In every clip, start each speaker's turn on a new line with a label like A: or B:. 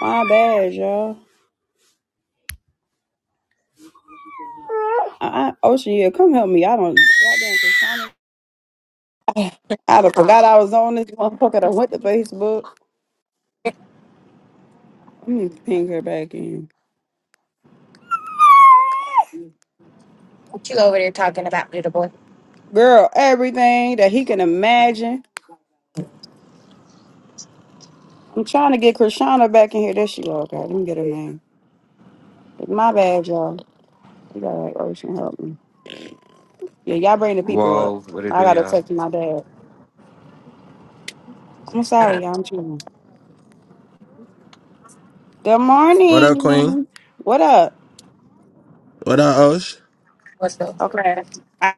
A: My bad, y'all. I, I, Ocean, yeah, come help me. I don't. Goddamn, Cassandra. I done forgot I was on this motherfucker. I went to Facebook. Let me ping her back in.
B: What you over there talking about, little boy?
A: Girl, everything that he can imagine. I'm trying to get Krishana back in here. There she go. Okay, let me get her name. My bad, y'all. We gotta have Ocean help me. Yeah, y'all bring the people up.
C: Whoa, what it
A: I
C: do,
A: gotta
C: y'all?
A: text my dad. I'm
B: Uh,
A: sorry, y'all. I'm chilling. Good
D: What up, Queen?
A: morning. What up?
D: What up, Osh?
B: what's up?
A: Okay. I-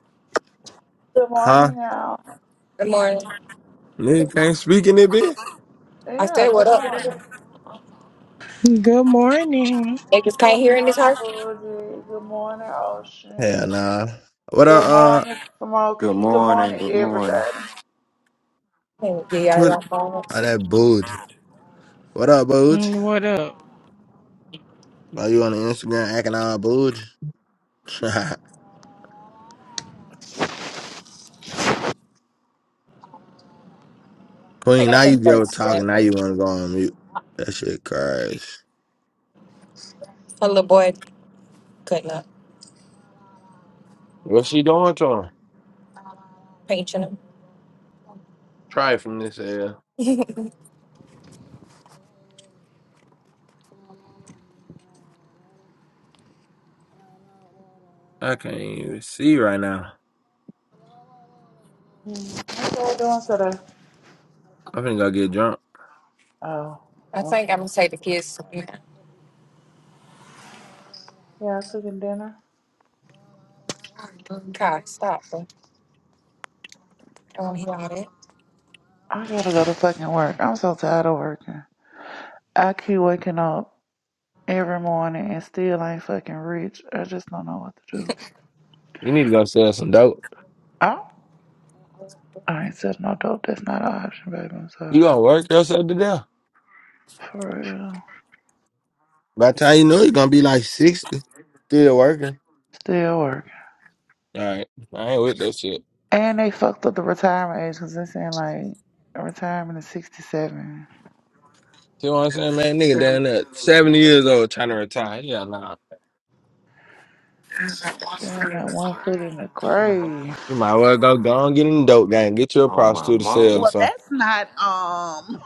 E: Good
D: Huh?
E: morning, Al.
B: Good morning.
D: Nigga can't speak in it, bitch?
B: I
E: Yeah,
B: said,
E: good
B: what up?
E: morning.
F: Good morning.
B: They just
E: Good
B: can't hear in this
E: morning,
B: house?
E: Boozy. Good morning, Ocean.
D: Hell nah. What up,
E: Good
D: uh,
E: morning,
C: Good
E: Smokey. Good
C: morning,
E: morning,
C: good morning.
E: everybody.
B: Yeah, yeah,
D: Twitter?
B: yeah. I
D: Oh, that Booge. What up, Booge?
F: Mm, What up?
D: Are you on the Instagram acting all Booge? Queen,
B: think I'm
D: now you
B: some
D: go
B: place.
D: talking. Now you
B: A
D: want to go on mute. That shit crazy.
B: little boy cutting up,
D: What's she doing to him?
B: painting him.
D: Try it from this area. I can't even see right now.
E: Hmm, What y'all doing today?
D: I'm finna go get drunk.
E: Oh,
B: I
E: okay.
B: think I'm gonna take the kids.
E: Yeah, cooking dinner.
B: Kai, stop. Bro. I don't hear all that.
E: I gotta go to fucking work. I'm so tired of working. I keep waking up every morning and still ain't fucking rich. I just don't know what to do.
D: You need to go sell some dope.
E: Oh, I ain't said no dope. That's not an option, baby. I'm sorry.
D: You gonna work yourself to death.
E: For real.
D: By the time you know, you're gonna be like 60. Still working.
E: Still working.
D: All right, I ain't with that shit.
E: And they fucked up the retirement age because they're saying like retirement is 67.
D: See what I'm saying, man? Nigga down there, seventy years old, trying to retire. Yeah, nah.
E: Damn, that one foot in the grave.
D: You might well go go and get in the dope game, get you a
C: Oh, my
D: prostitute to sell or
C: mama.
E: Well,
D: something.
E: that's not, um,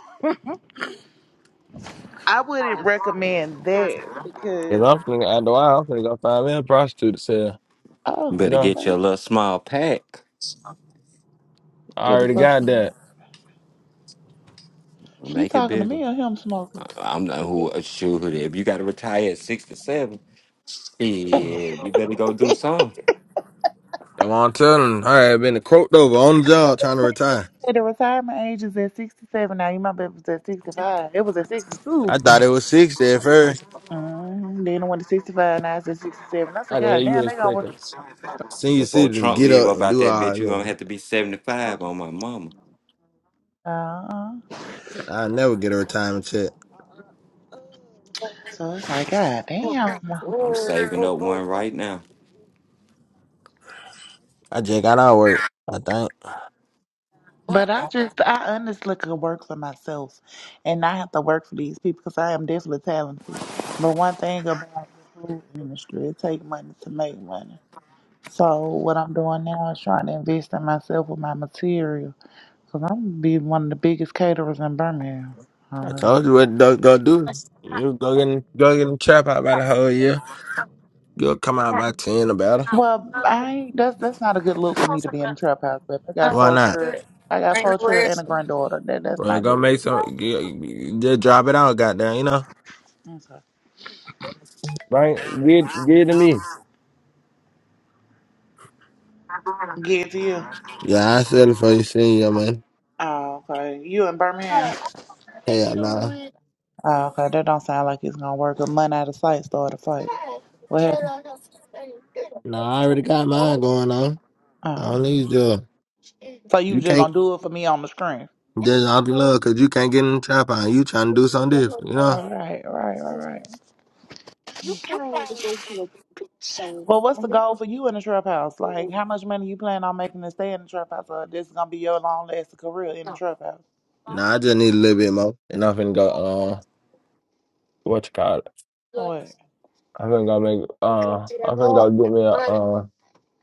E: I wouldn't recommend that
D: Cause
E: because,
D: I'm finna after a while, I'm finna go find me a prostitute to sell.
E: oh,
D: You
C: Better
D: know,
C: get your
E: okay.
C: little small pack.
D: I
E: Get a
D: already
E: little
D: got that.
E: smoke. You
C: Make it
E: talking to
C: bigger.
E: me or him smoking?
C: I- I'm not who, shoot, if you got to retire at 67, shit, you better go do something.
D: I'm on, telling her, I had been croaked over on the
E: That's what
D: job
E: they
D: trying to
E: said. They
D: retire.
E: said the retirement age is at 67. Now, you might be it was at 65. It was at 62.
D: I thought it was sixty at first.
E: Mm, then it went to 65, now it's at 67. I said,
D: How the hell
E: God damn,
D: you
E: they gonna.
D: expecting? Senior
C: Before
D: citizen,
C: Trump
D: get
C: leave
D: up
C: up
D: and
C: out
D: do
C: that
D: all
C: bitch, you going to
D: that.
C: have to be 75 on my mama.
E: Uh, uh.
D: I never get a retirement check.
E: so it's like, God damn.
C: I'm saving up one right now.
D: I just got out of work. I think.
E: But
B: What,
E: I
B: bro?
E: just, I honestly could work for myself and not have to work for these people because I am definitely talented. But one thing about the food industry, it takes money to make money. So what I'm doing now is trying to invest in myself with my material because I'm gonna be one of the biggest caterers in Birmingham. Oh,
D: I told
E: God.
D: you what Duck gonna do. You go get in, go get in the trap out by the whole year. You'll come out by ten about it.
E: Well, I ain't- that's that's not a good look for me to be in the trap house. But I got
D: Why
B: Oh,
E: four
B: like
D: not?
B: that.
E: children, I got
B: Ain't
E: four
B: nowhere
E: children and a
B: else.
E: granddaughter. That that's
D: Well,
E: not
D: go make
E: good.
D: some. g- Just drop it out, goddamn. You know,
E: Okay.
D: right? Give give it to me.
E: Get to you.
D: Yeah, I said it for you, senior man.
E: Oh, okay. You in Birmingham?
D: Hell nah,
E: Oh, okay, that don't sound like it's gonna work. A month out of sight, start a fight. What happened?
D: nah. I already got mine going on. I
E: Oh,
D: don't need you.
E: so you
D: You
E: just
D: can't
E: gonna do it for me on the screen?
D: just off your love because you can't get in the trap out. You trying to do something different, you know?
E: All right, right, all right. Well, what's the goal for you in the trap house? Like, how much money you plan on making to stay in the trap house? Or this is gonna be your long lasting career in the trap house?
D: Nah, I just need a little bit more, and I'm finna go. Uh, what you call it?
E: What?
D: I can go make uh I can go get me a uh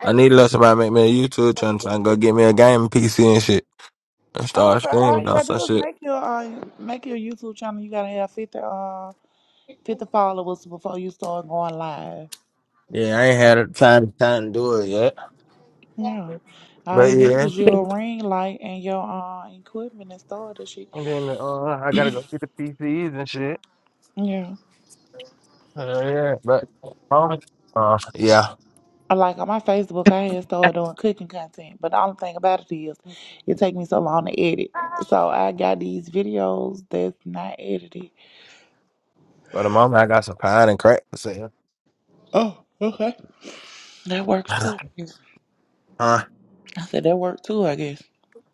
D: I need to let somebody make me a YouTube channel so I can go get me a game PC and shit and start
E: Okay, all
D: streaming
E: you
D: on
E: gotta
D: some
E: do is
D: shit.
E: make your uh, make your YouTube channel. You gotta have fifty uh fifty followers before you start going live.
D: Yeah, I ain't had a time time to do it yet.
E: Yeah, all you
D: But
E: need
D: yeah.
E: is your ring light and your uh equipment and store this shit.
D: And then uh I gotta go get the PCs and shit.
E: Yeah.
D: Uh, yeah. But um, uh yeah.
E: Like on my Facebook, I had started doing cooking content, but the only thing about it is, it take me so long to edit. So I got these videos that's not edited.
D: for the moment I got some pine and crack for sale.
E: Oh, okay. That works
D: huh.
E: too. I said that worked too, I guess.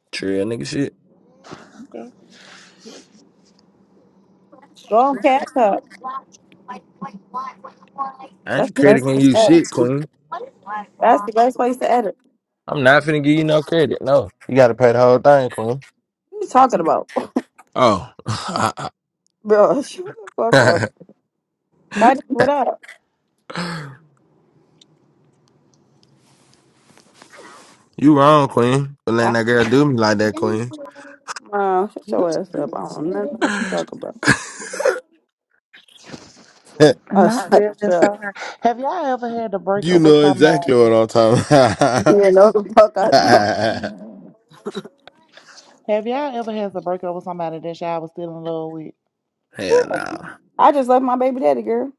D: Trill nigga shit.
E: Okay.
A: go on, catch up.
D: I
A: That's
D: ain't
A: the
D: crediting you
A: best.
D: shit, Queen.
A: That's the best place to edit.
D: I'm not finna give you no credit, no. You gotta pay the whole thing, Queen.
A: What you talking about?
D: Oh.
A: Bro, shut the fuck up. Kaji, what up?
D: you wrong, Queen, for letting
A: I,
D: that girl do me like that, Queen.
A: uh, shut your ass up. I don't know what you talking about. Uh,
E: Not
A: shut,
E: feeling
A: shut.
E: so hurt. Have y'all ever had to break
D: you
E: up with
D: know
E: somebody?
D: exactly what I'm talking
A: Yeah, no the fuck I
D: about.
A: don't.
E: Have y'all ever had to break up with somebody that y'all was still in love with?
D: Hell no.
A: I just left my baby daddy, girl.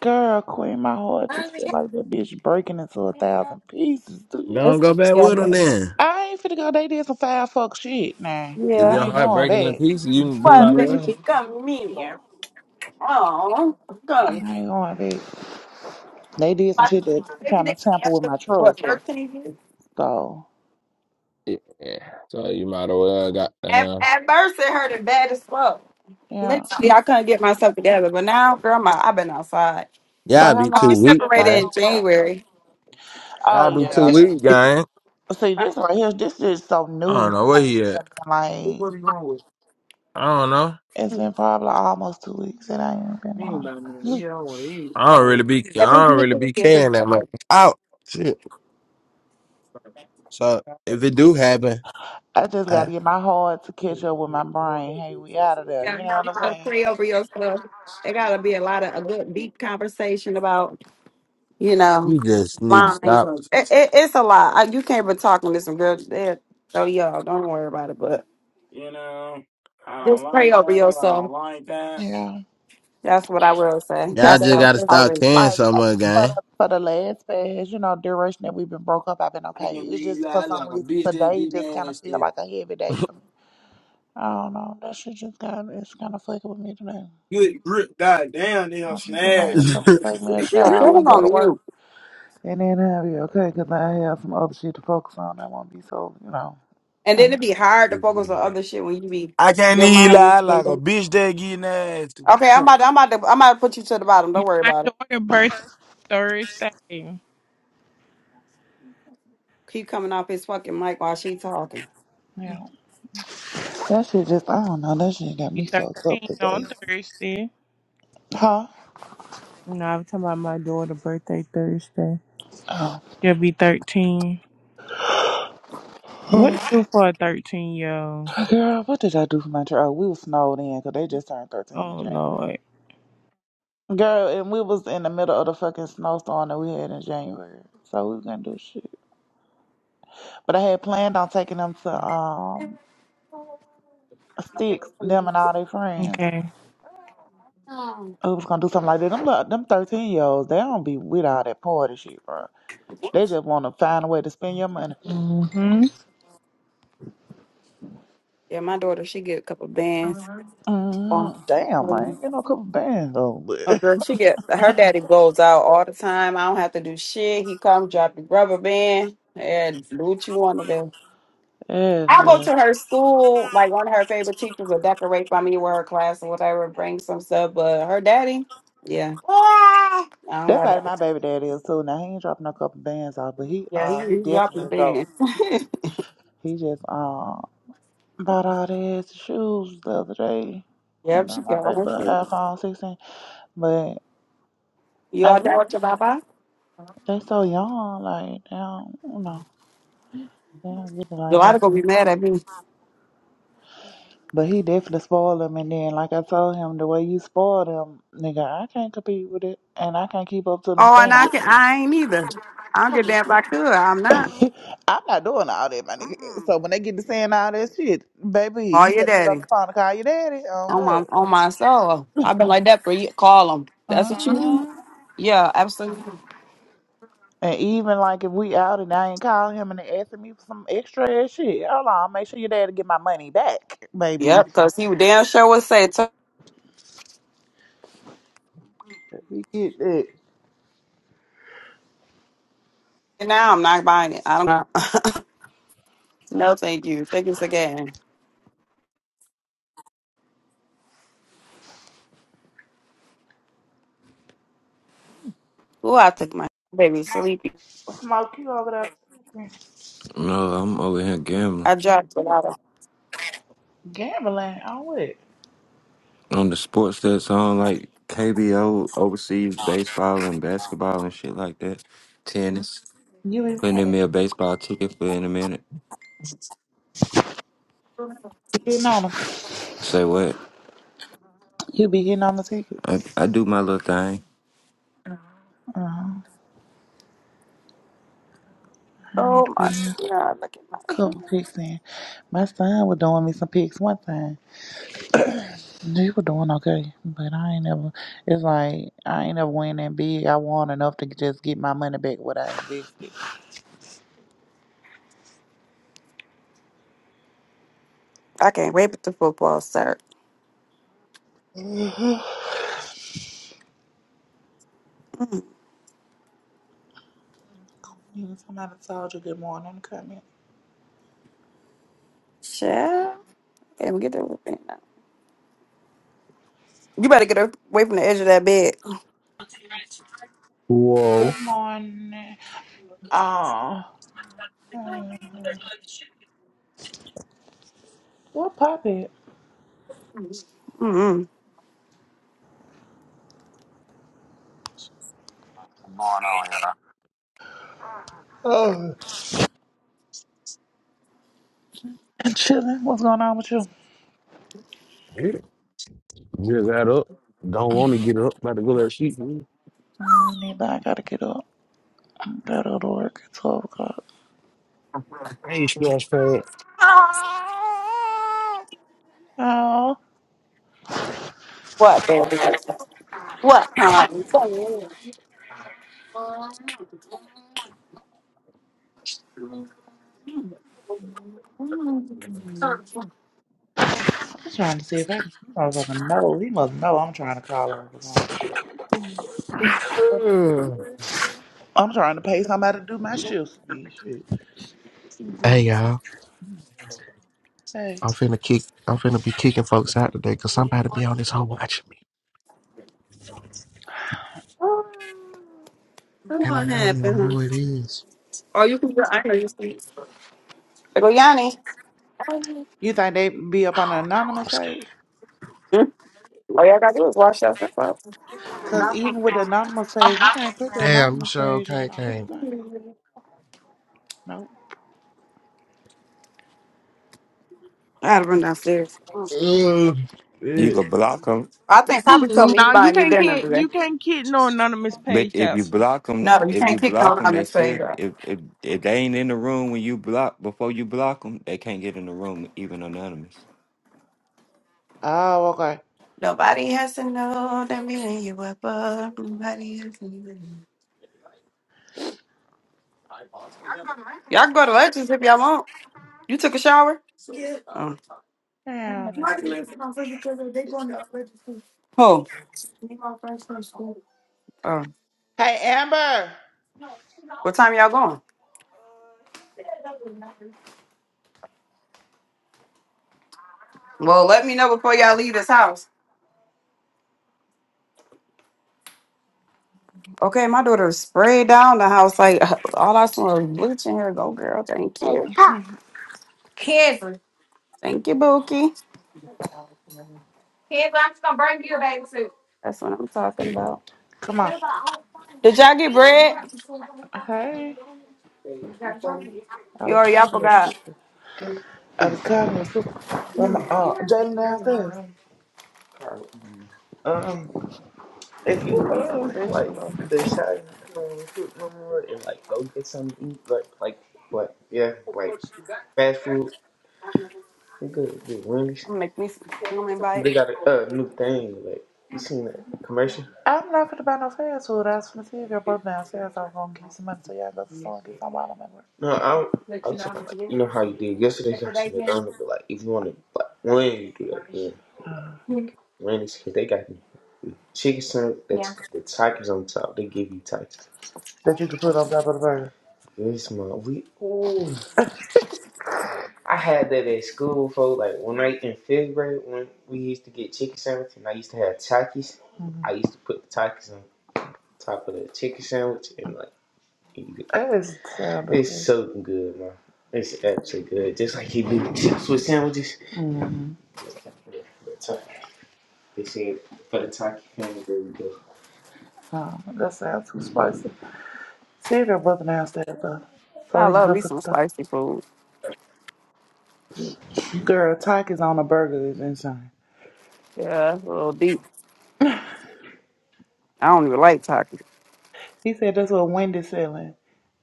E: Girl, Queen, my heart
B: Oh,
E: just feel
B: yeah.
E: like that bitch breaking into a thousand pieces. Do you hear me?
D: Don't
A: That's,
D: go back
A: yeah.
D: with him then.
E: I ain't finna go. They did some foul fuck shit. Nah,
D: If
A: Yeah.
E: I
D: your
E: ain't
D: heart
E: going
D: breaking in
E: back.
D: pieces, you you
A: What,
D: might as
A: baby?
D: well.
A: Come here. Oh,
E: I
A: come.
E: ain't going back. They did some
A: Like,
E: shit that
A: Baby
E: kind
A: daddy,
E: of tamper with
A: after,
E: my
A: What,
E: trust.
A: 13 years?
E: So
D: Yeah. So you might as well got
A: At,
D: down.
A: at first, it hurted bad as fuck.
E: yeah.
A: Mentally, I couldn't get myself together, but now, girl, my, I've been outside.
E: So
D: Y'all
E: how
D: be
A: I,
D: too
A: we
E: long you
D: weak,
E: been
A: separated
E: broke
D: man.
A: in
E: over there?
A: January.
E: Oh
D: Y'all be too
E: yeah.
D: weak, gang.
E: See this right here. This is so
D: I
E: new.
D: don't know where
E: This ain't
D: he at.
E: even been
D: Who-
E: like
D: What are you going with? I don't know.
E: it's
A: Um,
E: been probably almost two weeks. It ain't even been
D: He ain't
E: long.
D: about me to eat. I don't want to eat. I don't really be I don't
A: Everything is
D: really be
A: in
D: caring that much. Out. Shit. So if it do happen,
E: I just
D: I,
E: gotta get my heart to catch up with my brain. Hey, we out of there.
A: Yeah,
E: You know what
A: you
E: I'm
A: gotta
E: saying?
A: pray over yourself. There gotta be a lot of a good deep conversation about, you know,
D: you just need to
A: lying.
D: stop.
A: It, it, it's a lot. I, you can't be talking to some girls. There, so y'all don't worry about it. But
D: You know, I don't
A: just pray
D: like
A: over
D: that. I don't
A: yourself.
D: like that.
E: Yeah.
A: That's what I will say.
D: Y'all
A: That's
D: just
E: Today,
A: how
D: gotta
E: just
A: I'll
D: stop
A: leave it.
D: caring
E: like
D: so much,
E: for
D: gang.
E: the for the last past, you know, duration that we've been broke up, I've been
D: I
E: okay.
D: can
E: It's
D: leave
E: just
D: you
E: for
D: out
E: some
D: like a
E: reason
D: bitch that
E: today
D: get
E: just
D: mad
E: kind
D: and
E: of feel
D: said,
E: like a heavy day for me. I don't know. That shit just kind of it's kind of fucking with me today.
D: Good grip, goddamn, they done
E: I'm gonna get my
D: snagged
E: ass up and take me a
A: But
E: shower
A: focus
E: and go to
A: on
E: work,
A: you,
E: and then I'll be okay because I have some other shit to focus on. that won't be so you know.
A: and then
E: And,
A: it'd be hard to focus
D: me.
A: on
D: I
A: other shit when you be
D: I can't
A: your
D: even
A: mind
D: lie
A: mentally.
D: like a
A: done.
D: bitch that get nasty.
A: Okay, I'm about to, I'm about to, I'm about to put you to the bottom. Don't worry
F: My
A: about it.
F: daughter's birthday Thursday.
A: Keep coming off his fucking mic while she talking.
E: yeah,
F: She
E: that shit just I don't know. That shit got me fucked up
F: thirteen
E: today,
F: on Thursday.
E: huh?
F: No, I'm talking about my daughter's birthday Thursday. She'll be thirteen.
E: Oh.
F: What to do for a thirteen year old?
E: Girl, what did I do for my trip? Oh, we was snowed in because they just turned 13 in
F: Oh
E: January.
F: Lord.
E: Girl, and we was in the middle of the fucking snowstorm that we had in January. So we was gonna do shit. But I had planned on taking them to um Sticks, them and all their friends.
F: Okay.
A: Um,
E: We was gonna do something like that. Them, li- them 13 year olds, they don't be with all that party shit, bro. They just want to find a way to spend your money.
F: hmm
A: yeah, my daughter, she get a couple bands. Oh,
E: Mm, damn,
A: mhm.
E: man. You know, a couple bands though.
A: Oh,
E: But
A: girl, she get her daddy goes out all the time. I don't have to do shit. He come drop the rubber band and do what you want to do.
E: yes,
A: I go
E: girl.
A: to her school, like one of her favorite teachers will decorate by me with her class or whatever, bring some stuff. But her daddy, yeah, I don't
E: That's
A: know
E: how
A: that.
E: my baby daddy is too. Now he ain't dropping no couple bands off, but he
A: Yeah,
E: uh
A: he,
E: he
A: he dropping the
E: definitely go.
A: band.
E: He just uh bought all these shoes the other day and
A: yep, she
E: bought my
A: got all
E: baby
A: her
E: an
A: shit.
E: iPhone 16. But
A: You
E: I
A: all done
E: guess
A: with your baba?
E: they so young, like they don't, you know, they don't get it like
A: Your daughter
E: that.
A: gonna be mad at me.
E: But he definitely spoiled them, and then like I told him, the way you spoil them, nigga, I can't compete with it, and I can't keep up to them
A: Oh, and I
E: standards.
A: can, I ain't either. I don't get damn if I could. I'm not.
E: I'm not doing all that, my nigga.
A: Mm-mm.
E: So when they get to saying all that shit, baby,
A: Call
E: you
A: your
E: better get on
A: daddy
E: the phone and call your daddy. On
A: on
E: her.
A: my on my soul. I've been like that for you. Call him. That's what you
E: Uh-uh.
A: want. Yeah, absolutely.
E: And even like if we out and I ain't calling him and they asking me for some extra ass shit, hold on, make sure your daddy get my money back, baby.
A: Yep, because he would damn sure would say, "Turn
E: We get that.
A: it now I'm not buying it. I don't know. no, thank you. Thank you again. Ooh, I took my baby sleepy.
E: Smoke you over there
C: No, I'm over here gambling.
A: I dropped a lot of.
E: gambling on what?
C: On the sports that's on, like KBO, overseas baseball and basketball and shit like that. Tennis.
E: You be
C: Sending
E: winning.
C: me a baseball ticket for in a minute.
E: You Getting on them.
C: Say what?
E: You be getting on the ticket.
C: I, I do my little thing.
E: Uh-huh. I need to
A: Oh
E: put
A: my
E: in a
A: God! Look at my.
E: couple pics in. My son was doing me some pics one time. You were doing okay, but I ain't never. It's like I ain't never win that big. I won enough to just get my money back what I invested.
A: I can't wait for the football start.
E: Mhm. Even Somebody told you good morning. Come in.
A: Shit. Can't even get there. You better get away from the edge of that bed.
G: Whoa.
E: Good morning. Oh, Mm-hmm. what poppin'?
A: Mm-hmm.
E: Oh, I'm chilling. What's going on with you?
G: Yeah. Just got up. Don't want to get up. About to go to sleep.
E: Mm, but I gotta get up. I gotta go to work at twelve o'clock.
G: I ain't splash pad.
E: Oh,
A: What, baby? What, honey? What
E: I'm trying to see if I can. He motherfucking know. He must know I'm trying to call her. I'm trying to pay somebody to do my shifts. bitch. Shit.
H: Hey y'all,
E: Hey,
H: I'm finna kick. I'm finna be kicking folks out today, cause somebody be on this hoe watching me, and I don't know
A: happened?
H: who it is.
A: Oh, you can go. I know you see. I go, Yanni. Hmm?
E: you think they be up on the
H: I don't know. I'm
E: anonymous
H: scared.
E: page?
A: All y'all gotta do is wash up. That's all.
E: Cause even with the anonymous page, you can't put the
H: Damn, you
E: anonymous
H: sure
E: page out.
H: can't
E: I don't
H: came.
E: think. Nope.
A: I had to run downstairs.
H: Ugh.
C: You
H: Shit.
C: can block them,
A: I think Papa told me he's
F: No, you
A: buying me
F: can't
A: dinner
F: get
A: today.
F: you can't get no anonymous
C: but
F: page
C: if
F: up.
C: you block them,
A: No, you
C: if
A: can't
C: you
A: kick
C: block
A: on
C: them,
A: on
C: they
A: this way.
C: still if if if they ain't in the room when you block before you block them, they can't get in the room even anonymous.
E: Oh, okay.
A: Nobody has to know that we lay you up. up. Nobody has to know. Y'all can go to Legends if y'all want. You took a shower? Yeah. Oh.
E: Damn, this bitch.
A: Oh. Oh.
E: Hey, Amber.
A: What time y'all going? Well, let me know before y'all leave this house. Okay, my daughter sprayed down the house like all I saw was bleach in here. Go, girl. Thank you.
B: Kenzie. Kenzie,
A: Thank you, Bookie.
B: I'm just gonna bring you a bathing suit.
A: That's what I'm talking about.
E: Come on.
A: Did y'all get bread?
E: Hey. I
A: You
E: was
A: already, y'all
E: calling your
A: forgot.
E: sister. I was calling your sister. Well, my, uh, Jalen downstairs. Um, if
A: I'm
E: you
A: gonna make me some
E: uh
A: fish for
E: like
A: them.
E: the shot, you don't want to cook no more and like go get something to eat, like like what? Yeah, like fast food. They good, good Wendy's.
A: I'm gonna make me some human
E: They
A: bites.
E: got a uh, new thing. Like you seen that commercial? I'm not gonna buy no fast food. I was gonna see if your brother downstairs. I was gonna give you some money so y'all go to the store and get some while I'm at work. No, I was- I was talking about like you know how you did yesterday. You got some McDonald's, but like if you want to like when you do that again, Uh, Wendy's 'cause they got the chicken sandwich that's the Takis on top. They give you Takis. that you can put on top of the burger. Yes, month we ooh. I had that at school, folks. Like when I in fifth grade, when we used to get chicken sandwich, and I used to have Takis. Mhm. I used to put the Takis on top of the chicken sandwich, and like you could- That is terrible. it's so good, man. It's actually good, just like you do chips with sandwiches. Mm-hmm. Just like that They said for the Taki fans, there you go. Oh, that sounds too spicy. See if your brother downstairs though, so
A: I
E: he can
A: love
E: go
A: me
E: to the
A: some
E: store.
A: spicy food.
E: Girl, Taki's on a burger is insane.
A: Yeah, that's a little deep. I don't even like tacos.
E: He said that's what Wendy's selling.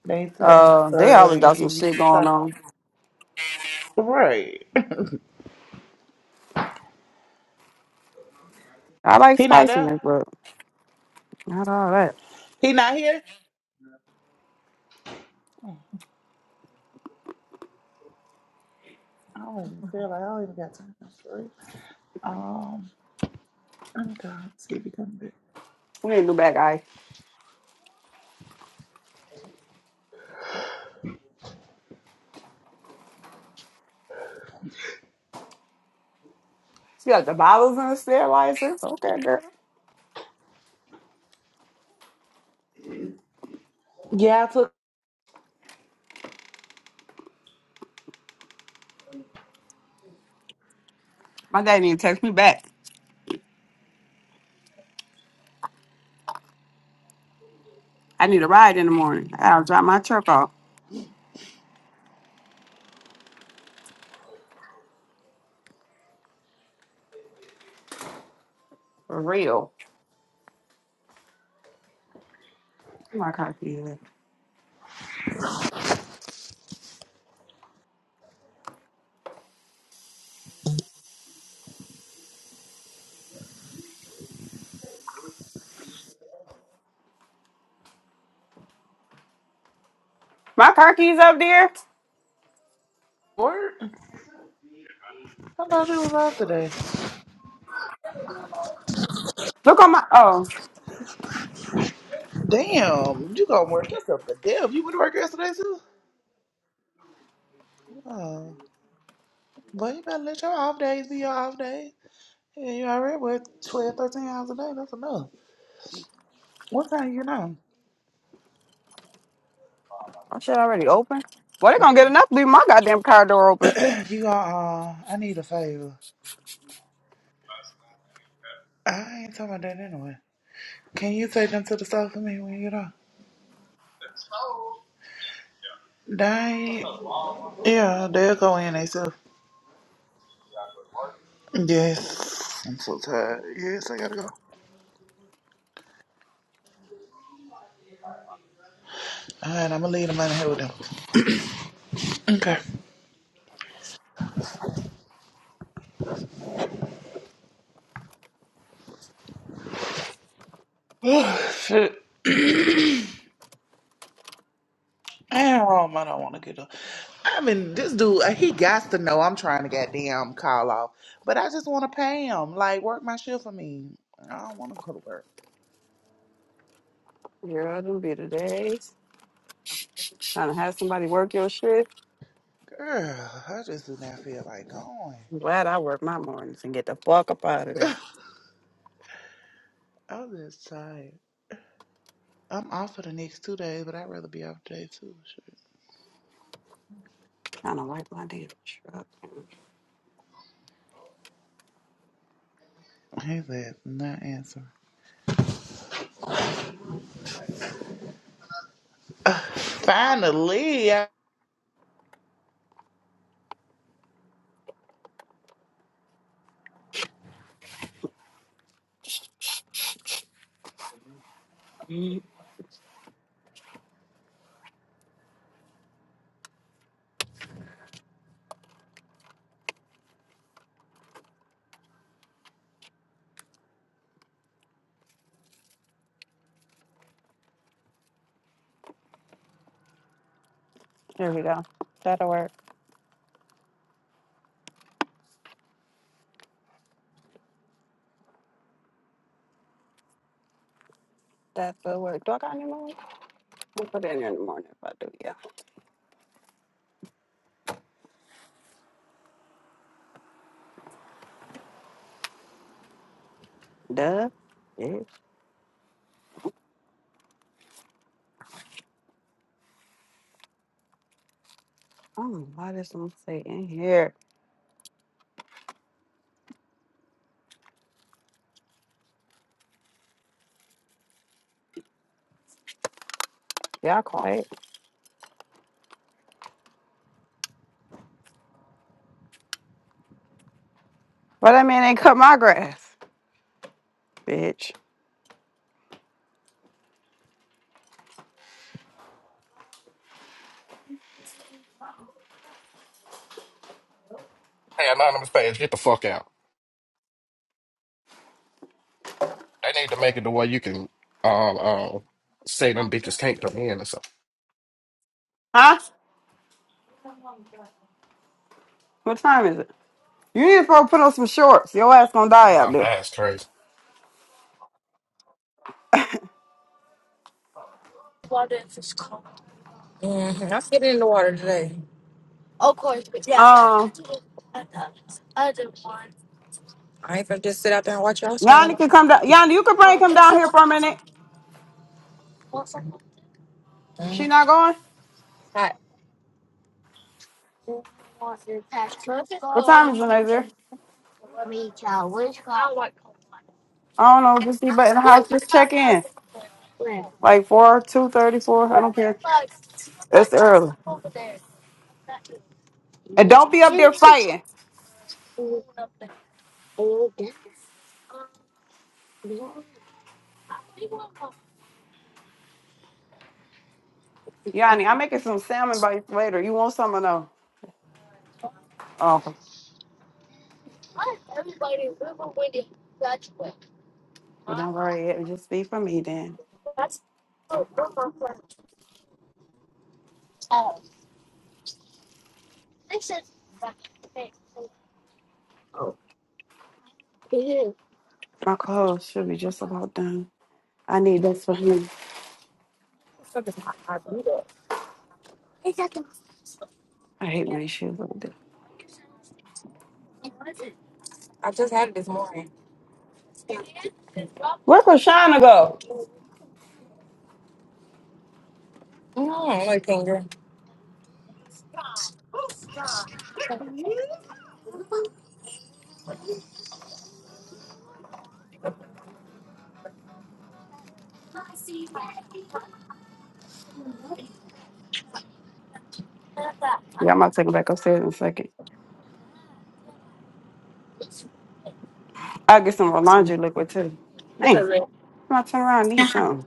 E: They selling
A: Uh, they
E: burger
A: always
E: and
A: got some
E: give you
A: shit
E: the
A: going
E: top.
A: on.
E: Right.
A: I like
E: He not there?
A: spiciness, Not all that.
E: He not here? Damn, I don't even feel like I don't even got time for it. Um, let me go and see if he comes back.
A: We need a new back ice. She got the bottles and the sterilizer. Okay, girl.
E: Yeah, I took
A: My dad need to text me back. I need a ride in the morning. I gotta drop my truck off. For real. Where My car keys. at? My car keys up there.
E: work. I thought you was off today.
A: Look on my oh.
E: Damn, you gonna work yourself to death. You went to work yesterday too? Oh. Well, you better let your off days be your off days. Yeah, you already work 12, 13 hours a day. That's enough. What time you get on?
A: My shit already open. Well, they gonna get enough to leave my goddamn car door open.
E: You got, uh, I need a favor. I ain't talking about that anyway. Can you take them to the store for me when you get off? They, yeah, they'll go in themselves. Yes, I'm so tired. Yes, I gotta go. All right, I'm gonna leave them out of here with them. Okay. Oh, shit. Damn, Rome, I don't want to get up. I mean, this dude, uh, he got to know I'm trying to goddamn call off, but I just want to pay him. Like, work my shift for me. I don't want to go to work.
A: Girl, them be the days. Trying to have somebody work your shit.
E: Girl, I just do not feel like going.
A: I'm glad I work my mornings and get the fuck up out of there.
E: I'm just tired. I'm off for the next two days, but I'd rather be off today too. Shit.
A: Trying to wipe my damn truck.
E: His ass not answer. Finally,
A: There we go. That'll work. That'll work. Do I got any more? We'll put it in there in the morning if I do, yeah. Duh. Yeah. I why does someone say in here. Y'all quiet. But I mean, they cut my grass, bitch.
H: Hey, anonymous page, get the fuck out. They need to make it the way you can um um say them bitches can't come in or something.
A: Huh? What time is it? You need to probably put on some shorts. Your ass gonna
H: You
A: die out
H: gonna
A: there.
H: die? It's crazy.
B: Mm-hmm. I'm sitting in the water today.
A: Um,
B: I ain't gonna just sit out there and watch y'all
A: Yanni
B: swim.
A: can come down. Yanni, you can bring him down here for a minute. She
B: Mhm.
A: not going?
B: Hot.
A: What time is it, Nazir? I don't know. Just be but in the house. Just check in. Like 4, 2.34. I don't care. It's early. And don't be up there fighting. Yanni, I'm making some salmon bites later. You want some or no? Oh, well, don't worry. It would just be for me then. My clothes should be just about done. I need this for him.
B: fuck is my eyes blue? Exactly.
A: I hate when his shoes like this.
B: I just had it this morning. Still.
A: Where Krishana go?
B: Mm, I like finger.
A: Yeah, I'm about to take it back upstairs in a second. I'll get some laundry liquid too. Man, I'm about to turn around and need something.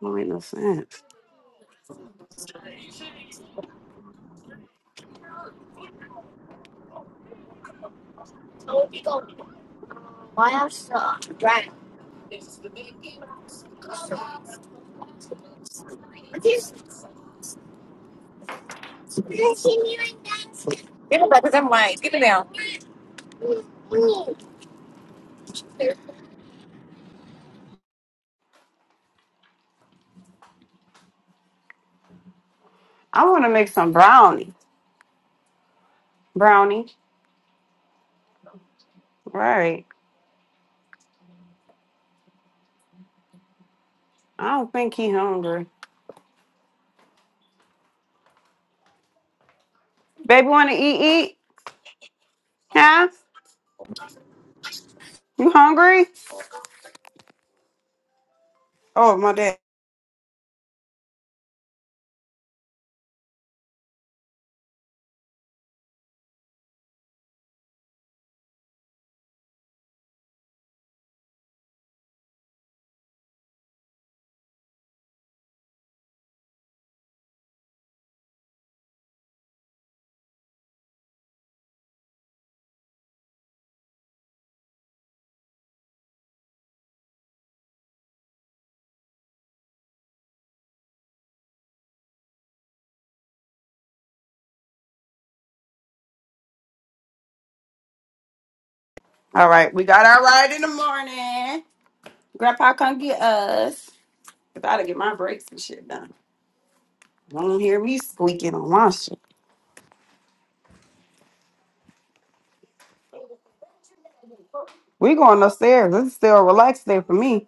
A: Don't make no sense.
B: Right. Give it back because I'm white. Give it down.
A: I want to make some brownie. Brownie? Right. I don't think he hungry. Baby, want to eat, eat? Huh? You hungry? Oh, my dad. All right, we got our ride in the morning. Grandpa come get us. Cause I gotta get my breaks and shit done. You Don't hear me squeaking on my shit. We going upstairs. It's still a relaxed day for me.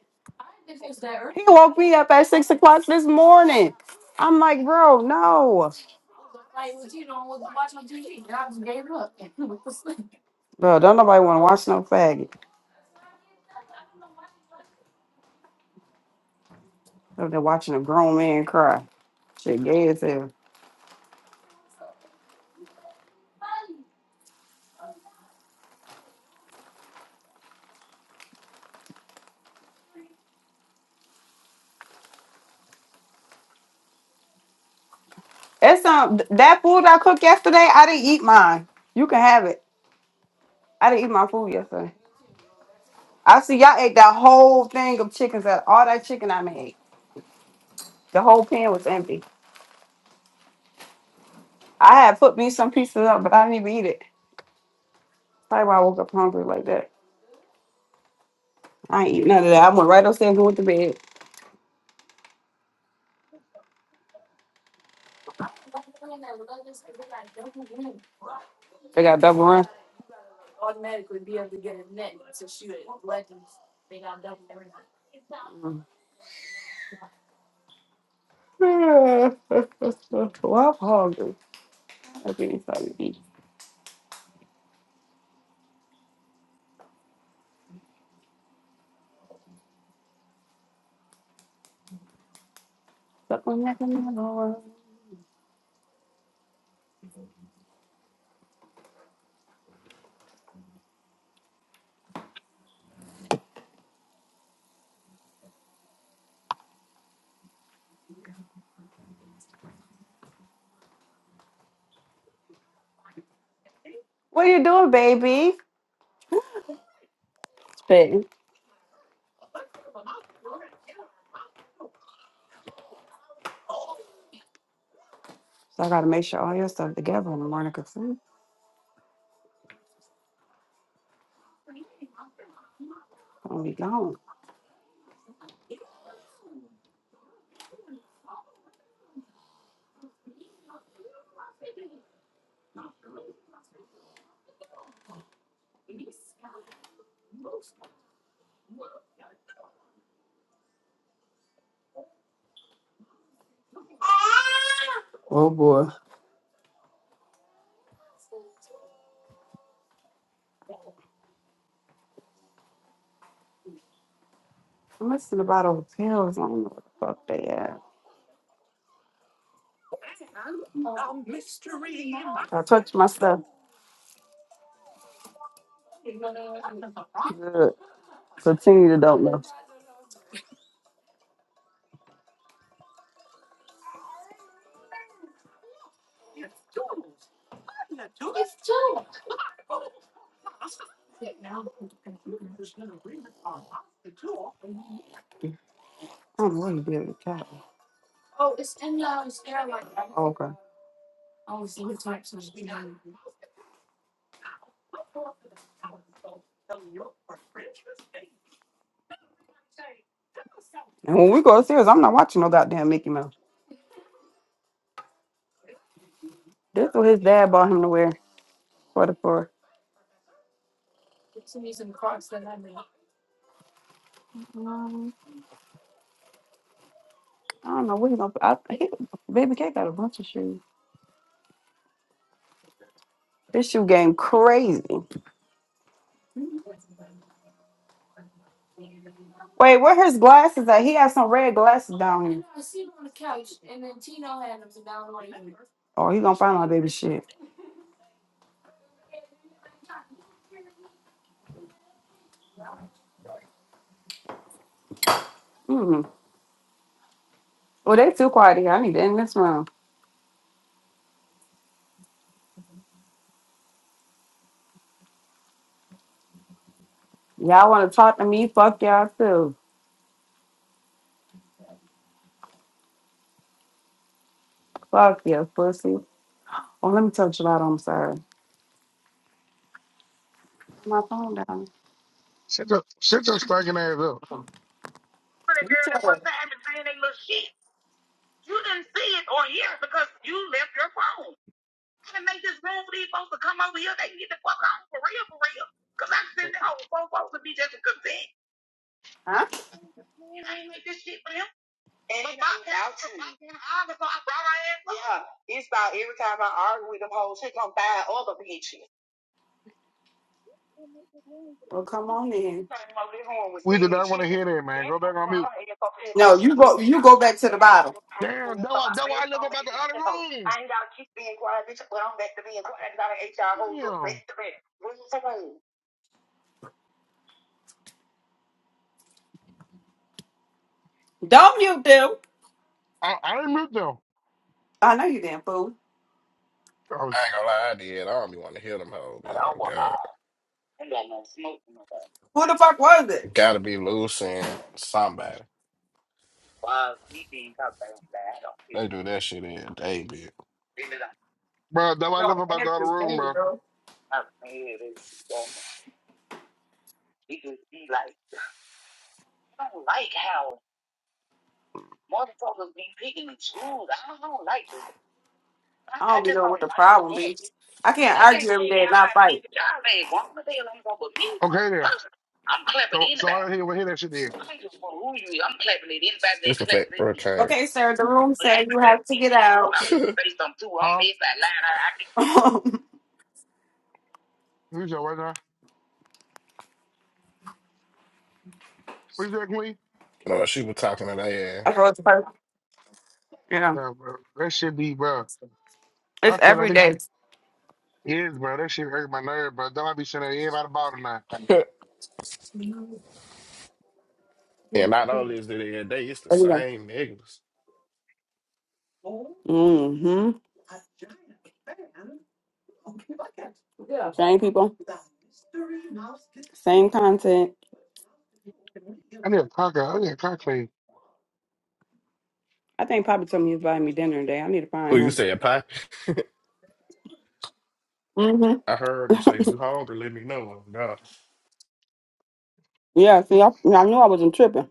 A: He woke me up at six o'clock this morning. I'm like, bro, no, bro. Don't nobody want to watch no faggot. Up there watching a grown man cry. Shit, gay as hell. It's um th- that food I cooked yesterday. I didn't eat mine. You can have it. I didn't eat my food yesterday. I see y'all ate that whole thing of chickens. That all that chicken I made. The whole pan was empty. I had put me some pieces up, but I didn't even eat it. Probably why I woke up hungry like that. I ain't eat none of that. I went right upstairs and went to bed. I got double run. well, I'm hungry. I think it's to eat. Suck on that banana. What you doing, baby? Spitting. So I gotta make sure all your stuff together in the morning because I'm gonna be gone. Oh boy. I'm missing a bottle of pills. I don't know what the fuck they at. I touched my stuff. Good. Continue to don't know. I don't know what he did with the cat. And when we go upstairs, I'm not watching no goddamn Mickey Mouse. This what his dad bought him to wear for the for. I don't know what he gonna. I, he, Baby K got a bunch of shoes. This shoe game crazy. Wait, where his glasses at? He has some red glasses down here. Oh, he gonna find my baby shit. Mm. Well, they too quiet here. I need to end this room. Y'all want to talk to me? Fuck y'all too. Fuck you, pussy. Oh, let me touch you out. I'm sorry. My phone down.
I: Shut your shut your stinking ass up.
J: for the
A: You
J: girl at
A: shut
J: one
A: up.
J: time and saying they little shit. You didn't see it or hear it because you left your phone. I didn't make this room for these folks to come over here. They can get the fuck on for real, for real. Because I'm sitting there over four folks to be just a consent.
A: Huh?
J: Man, I ain't make this shit for them. And but my out too. I brought my ass up. Yeah, it's about every time I argue with them hoes, she come buy other bitches. Came over this
A: Well, come on in.
J: room with
I: We did
J: Sid,
I: not
J: she
I: want to
J: was
I: hear that, man.
J: bent
I: Go back on
J: over on
I: mute.
J: her ass up there, and thought
A: No,
J: she
A: you
J: was
A: go
J: pissed
A: you
J: off.
A: go back to
J: And
A: the
J: I
A: bottom.
J: just was
I: Damn, that
J: so
I: why
J: I
I: that why
J: said
I: I live
J: something,
I: about the
J: she
I: other
J: said, "Oh,
I: room.
J: I ain't gotta keep being quiet, bitch, but I'm back to being quiet, I gotta HR you hoes up back
I: Damn.
J: to back. What's the name?
A: Don't mute them.
I: I, I didn't mute them.
A: I know you damn fool.
I: Oh,
H: I ain't gonna lie, I did. I don't be want to hear them hoes.
J: But
H: You
J: I
H: know,
J: was
H: God,
J: high. I ain't got no smoke in my bag.
A: Who the fuck was it?
H: gotta be loose and somebody.
J: Why we being talked about that? I don't feel
H: They do that shit in a day, bitch.
J: feeling like
I: bro, that why I live
A: No,
I: about the other
A: every
I: room,
A: day,
I: bro.
A: bro.
J: I'm mad and shit, don't me. It just be like, I don't like how motherfuckers be picking and choose. I don't like this. I,
A: I
J: I
A: don't be
J: just
A: know
J: don't
A: what
J: like
A: the problem
J: that.
A: be. I can't
J: I can't
A: argue
J: tell
A: every day
J: y'all
A: and not
J: how to be,
A: fight.
J: but y'all ain't wrong. The hell ain't wrong with me.
I: Okay then.
J: Personally, I'm clapping
I: So so I
J: anybody.
I: didn't hear, hear that shit then.
J: I ain't just for who you is. I'm clapping at anybody
H: Just
J: that
H: the
J: claps
H: fact,
J: at
H: bro,
J: me.
H: came.
A: Okay, sir, the room
J: But I ain't
A: said you
J: gonna just
A: have to
J: see
A: get
J: who
A: out.
J: I'm based on who I'm
I: Huh?
J: based by line.
A: That's
I: Who's your what now? Who's that queen?
H: No, she was talking to their ass.
A: what's perfect. Yeah.
I: Yeah, bro. That shit be bro.
A: It's
I: I feel like
A: every
I: this shit
A: day.
I: is, bro. That shit hurt my nerve, bro. Don't I be sending everybody ball tonight.
H: And not only is it their day. it's the
A: Every day.
H: same niggas.
A: Mm-hmm. Yeah. Same people, same content.
I: I need a cock out. I need a cock clean.
A: I think Papa told me he was buying me dinner today. I need to find
H: Who you
A: him.
H: said, Pop?
A: Mm-hmm.
H: I heard him say, You hungry? Let me know. No.
A: Yeah, see, I, I knew I wasn't tripping.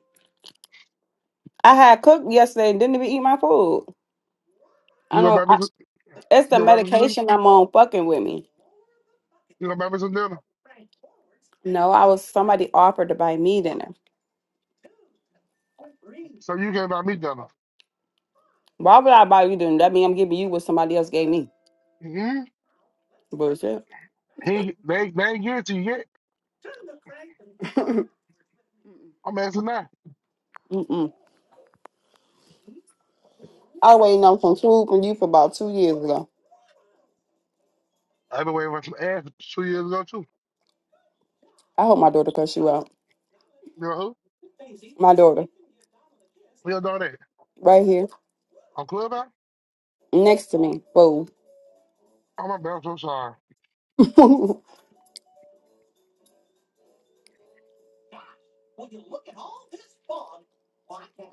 A: I had cooked yesterday and didn't even eat my food. I
I: You gonna buy
A: know.
I: me some
A: It's
I: you
A: the
I: gonna buy me some dinner?
A: medication I'm on fucking with me.
I: You gonna buy me some dinner?
A: No, I was somebody offered to buy me dinner.
I: So you can't buy me dinner.
A: Why would I buy you dinner? That mean I'm giving you what somebody else gave me.
I: Mm-hmm.
A: Bullshit.
I: He they they ain't give it to you yet.
A: Mm-mm.
I: I'm asking now.
A: I was waiting on some food from you for about two years ago.
I: I've been waiting for some ass two years ago too.
A: I hope my daughter cuss you out.
I: You know who?
A: My daughter,
I: We don't know that.
A: right here,
I: On Clubhouse?
A: next to me. Whoa.
I: Oh my bad, I'm so sorry.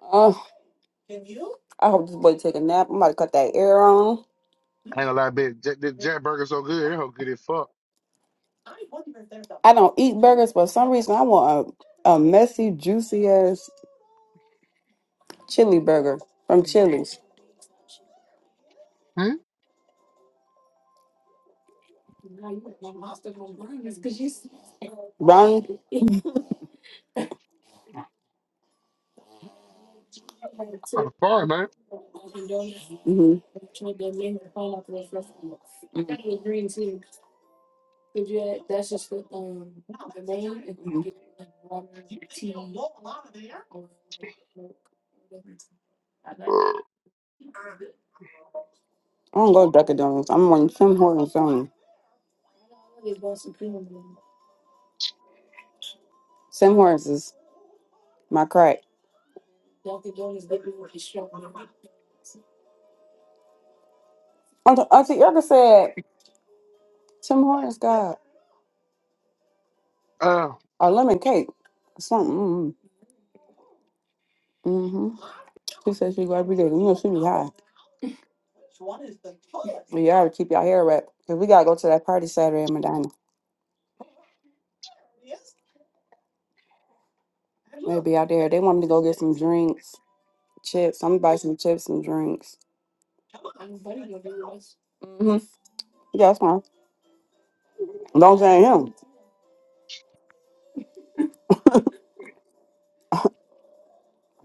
A: uh, I hope this boy take a nap. I'm about to cut that air on.
I: I ain't gonna lie, bitch. J- This Jack Burger so good, it hoe good as fuck.
A: I don't eat burgers, but for some reason I want a, a messy, juicy ass chili burger from Chili's.
I: Hmm?
A: Brown
I: I'm sorry, man.
A: hmm hmm I don't go to Dunkin' Donuts. I'm on Tim Hortons only. Tim Hortons is my crack. Auntie, Auntie Erica said Tim Hortons got
I: Uh,
A: a lemon cake or something. Mm-hmm. Mm-hmm. She said she go every day. You know she be high. But y'all keep y'all hair wrapped. Cause we gotta go to that party Saturday in Medina. We'll be out there. They want me to go get some drinks, chips. I'm gonna buy some chips and drinks. hmm Yeah, that's fine. As long as I ain't him,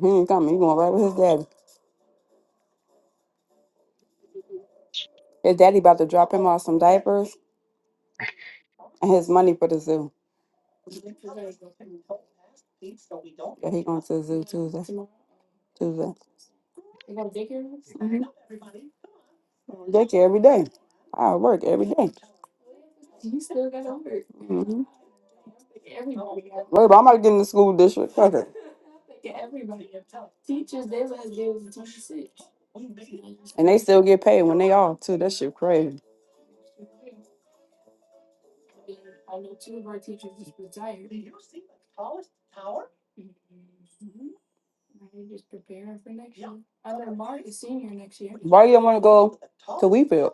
A: he ain't coming. He going right with his daddy. His daddy about to drop him off some diapers and his money for the zoo. Yeah, he going to the zoo Tuesday. Tuesday. Daycare every day. I work every day. Mm-hmm. Worry about I'm about to get in the school district. Fuck it. And they still get paid when they off too. That shit crazy. Why you don't want to go to Weefield?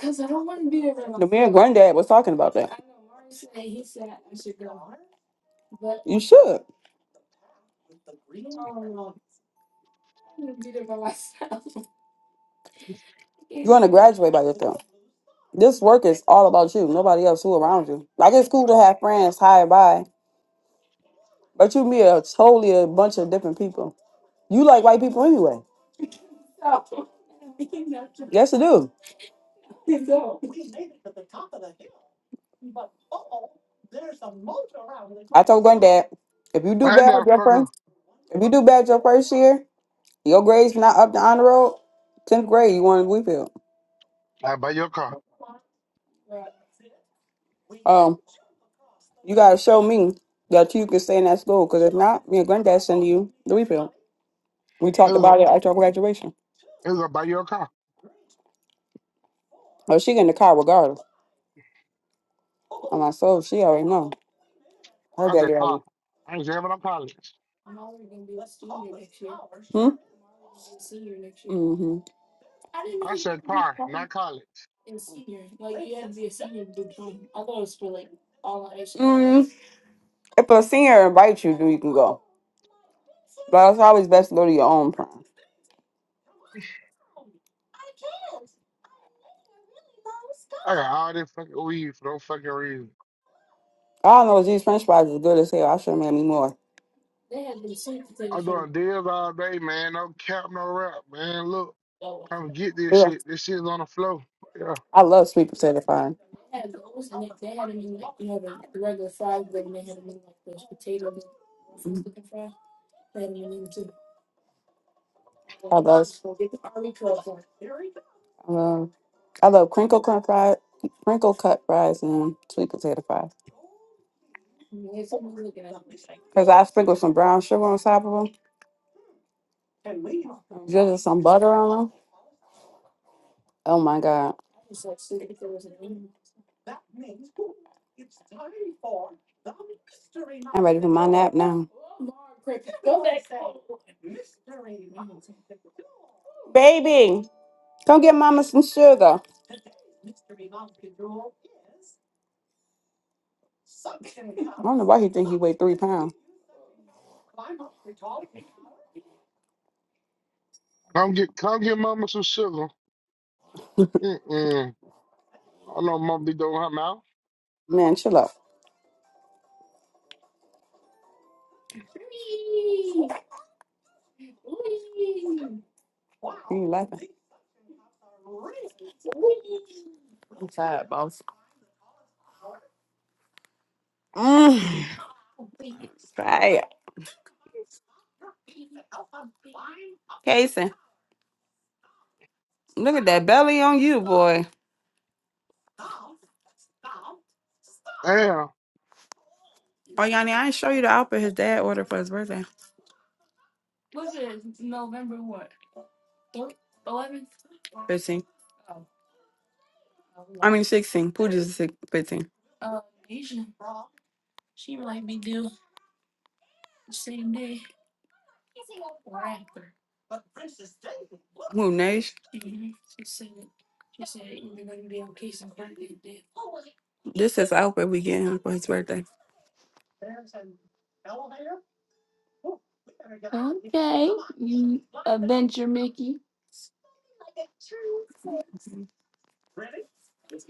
A: The me and granddad was talking about that. You should. You want to graduate by yourself. This work is all about you, nobody else who around you. Like it's cool to have friends high and by, but you meet a totally a bunch of different people. You like white people anyway. Yes, you do. I told granddad, if you do
I: I ain't
A: bad
I: never
A: your
I: fucking.
A: first, if you do bad your first year, your grades not up to honor roll, tenth grade, you want to Wheatfield.
I: I buy your car.
A: Um, you gotta show me that you can stay in that school, because if not, me and granddad send you the Wheatfield. We
I: It
A: talked
I: was gonna,
A: about it after our graduation.
I: it was gonna buy your car.
A: Oh, she get in the car regardless. I'm like, so she already know. Her
I: I
A: daddy
I: said
A: already
I: car. I ain't jamming on college.
A: Hmm? Mm-hmm.
I: I said car, not college.
A: Mm, if a senior invites you, then you can go. But it's always best to go to your own prom.
I: I got all this fucking weed for no fucking reason.
A: I don't know, these french fries is good as hell. I should have made me more.
I: I'm doing deals all day, man. No cap, no rap, man. Look. Come get this
A: Yeah.
I: shit. This shit's on the floor. Yeah.
A: I love sweet potato fries. Mhm. I love, I love, I love crinkle cut fries, crinkle cut fries and sweet potato fries. Because I sprinkle some brown sugar on top of them, drizzle some butter on them. Oh my God. I'm ready for my nap now. Baby! Come get mama some sugar. I don't know why he think he weighed three pounds.
I: Come get come get mama some sugar. Mm-mm. I know mama be doing her mouth.
A: Man, chill out. He ain't laughing. I'm tired, boss. Mm. Right. Casey, look at that belly on you, boy.
I: Damn.
A: Oh, Yanni, I ain't show you the outfit his dad ordered for his birthday. 15. I mean, 16. Pooja's six- 15. Who, Nash? This is the outfit we get him for his birthday.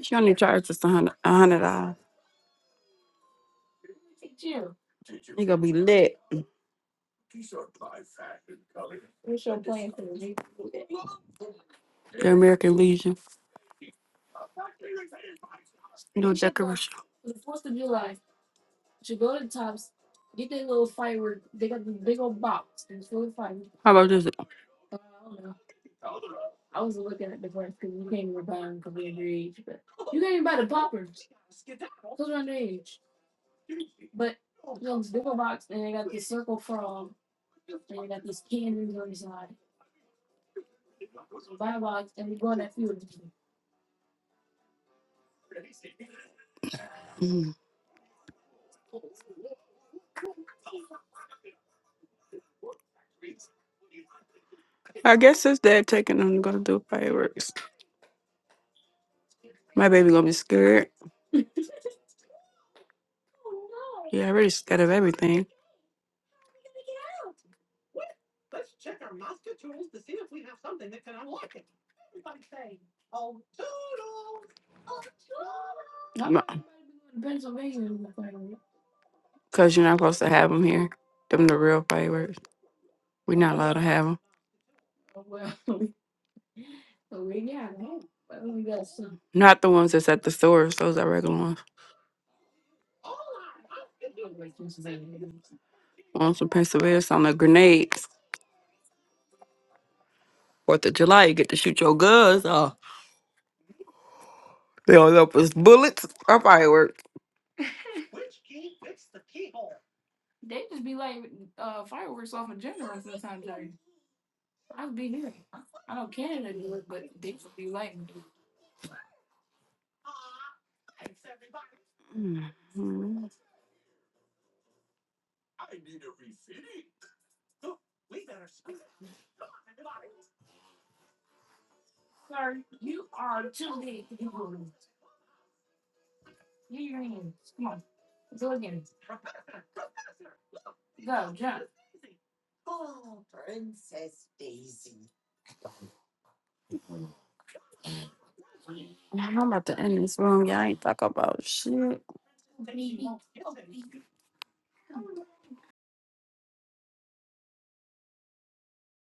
A: She only charged us a hundred a hundred dollars. He gonna be lit. The American Legion. No decoration. How about this? I guess his dad taking them to go do fireworks. My baby gonna be scared. Yeah, already scared of everything. No, Cause you're not supposed to have them here. Them the real fireworks. We're not allowed to have them. Not the ones that's at the stores. Those are regular ones. Ones from Pennsylvania. Some the grenades. Fourth of July, you get to shoot your guns off. They all up as bullets or fireworks. Mhm. I'm about to end this room. Y'all ain't talk about shit.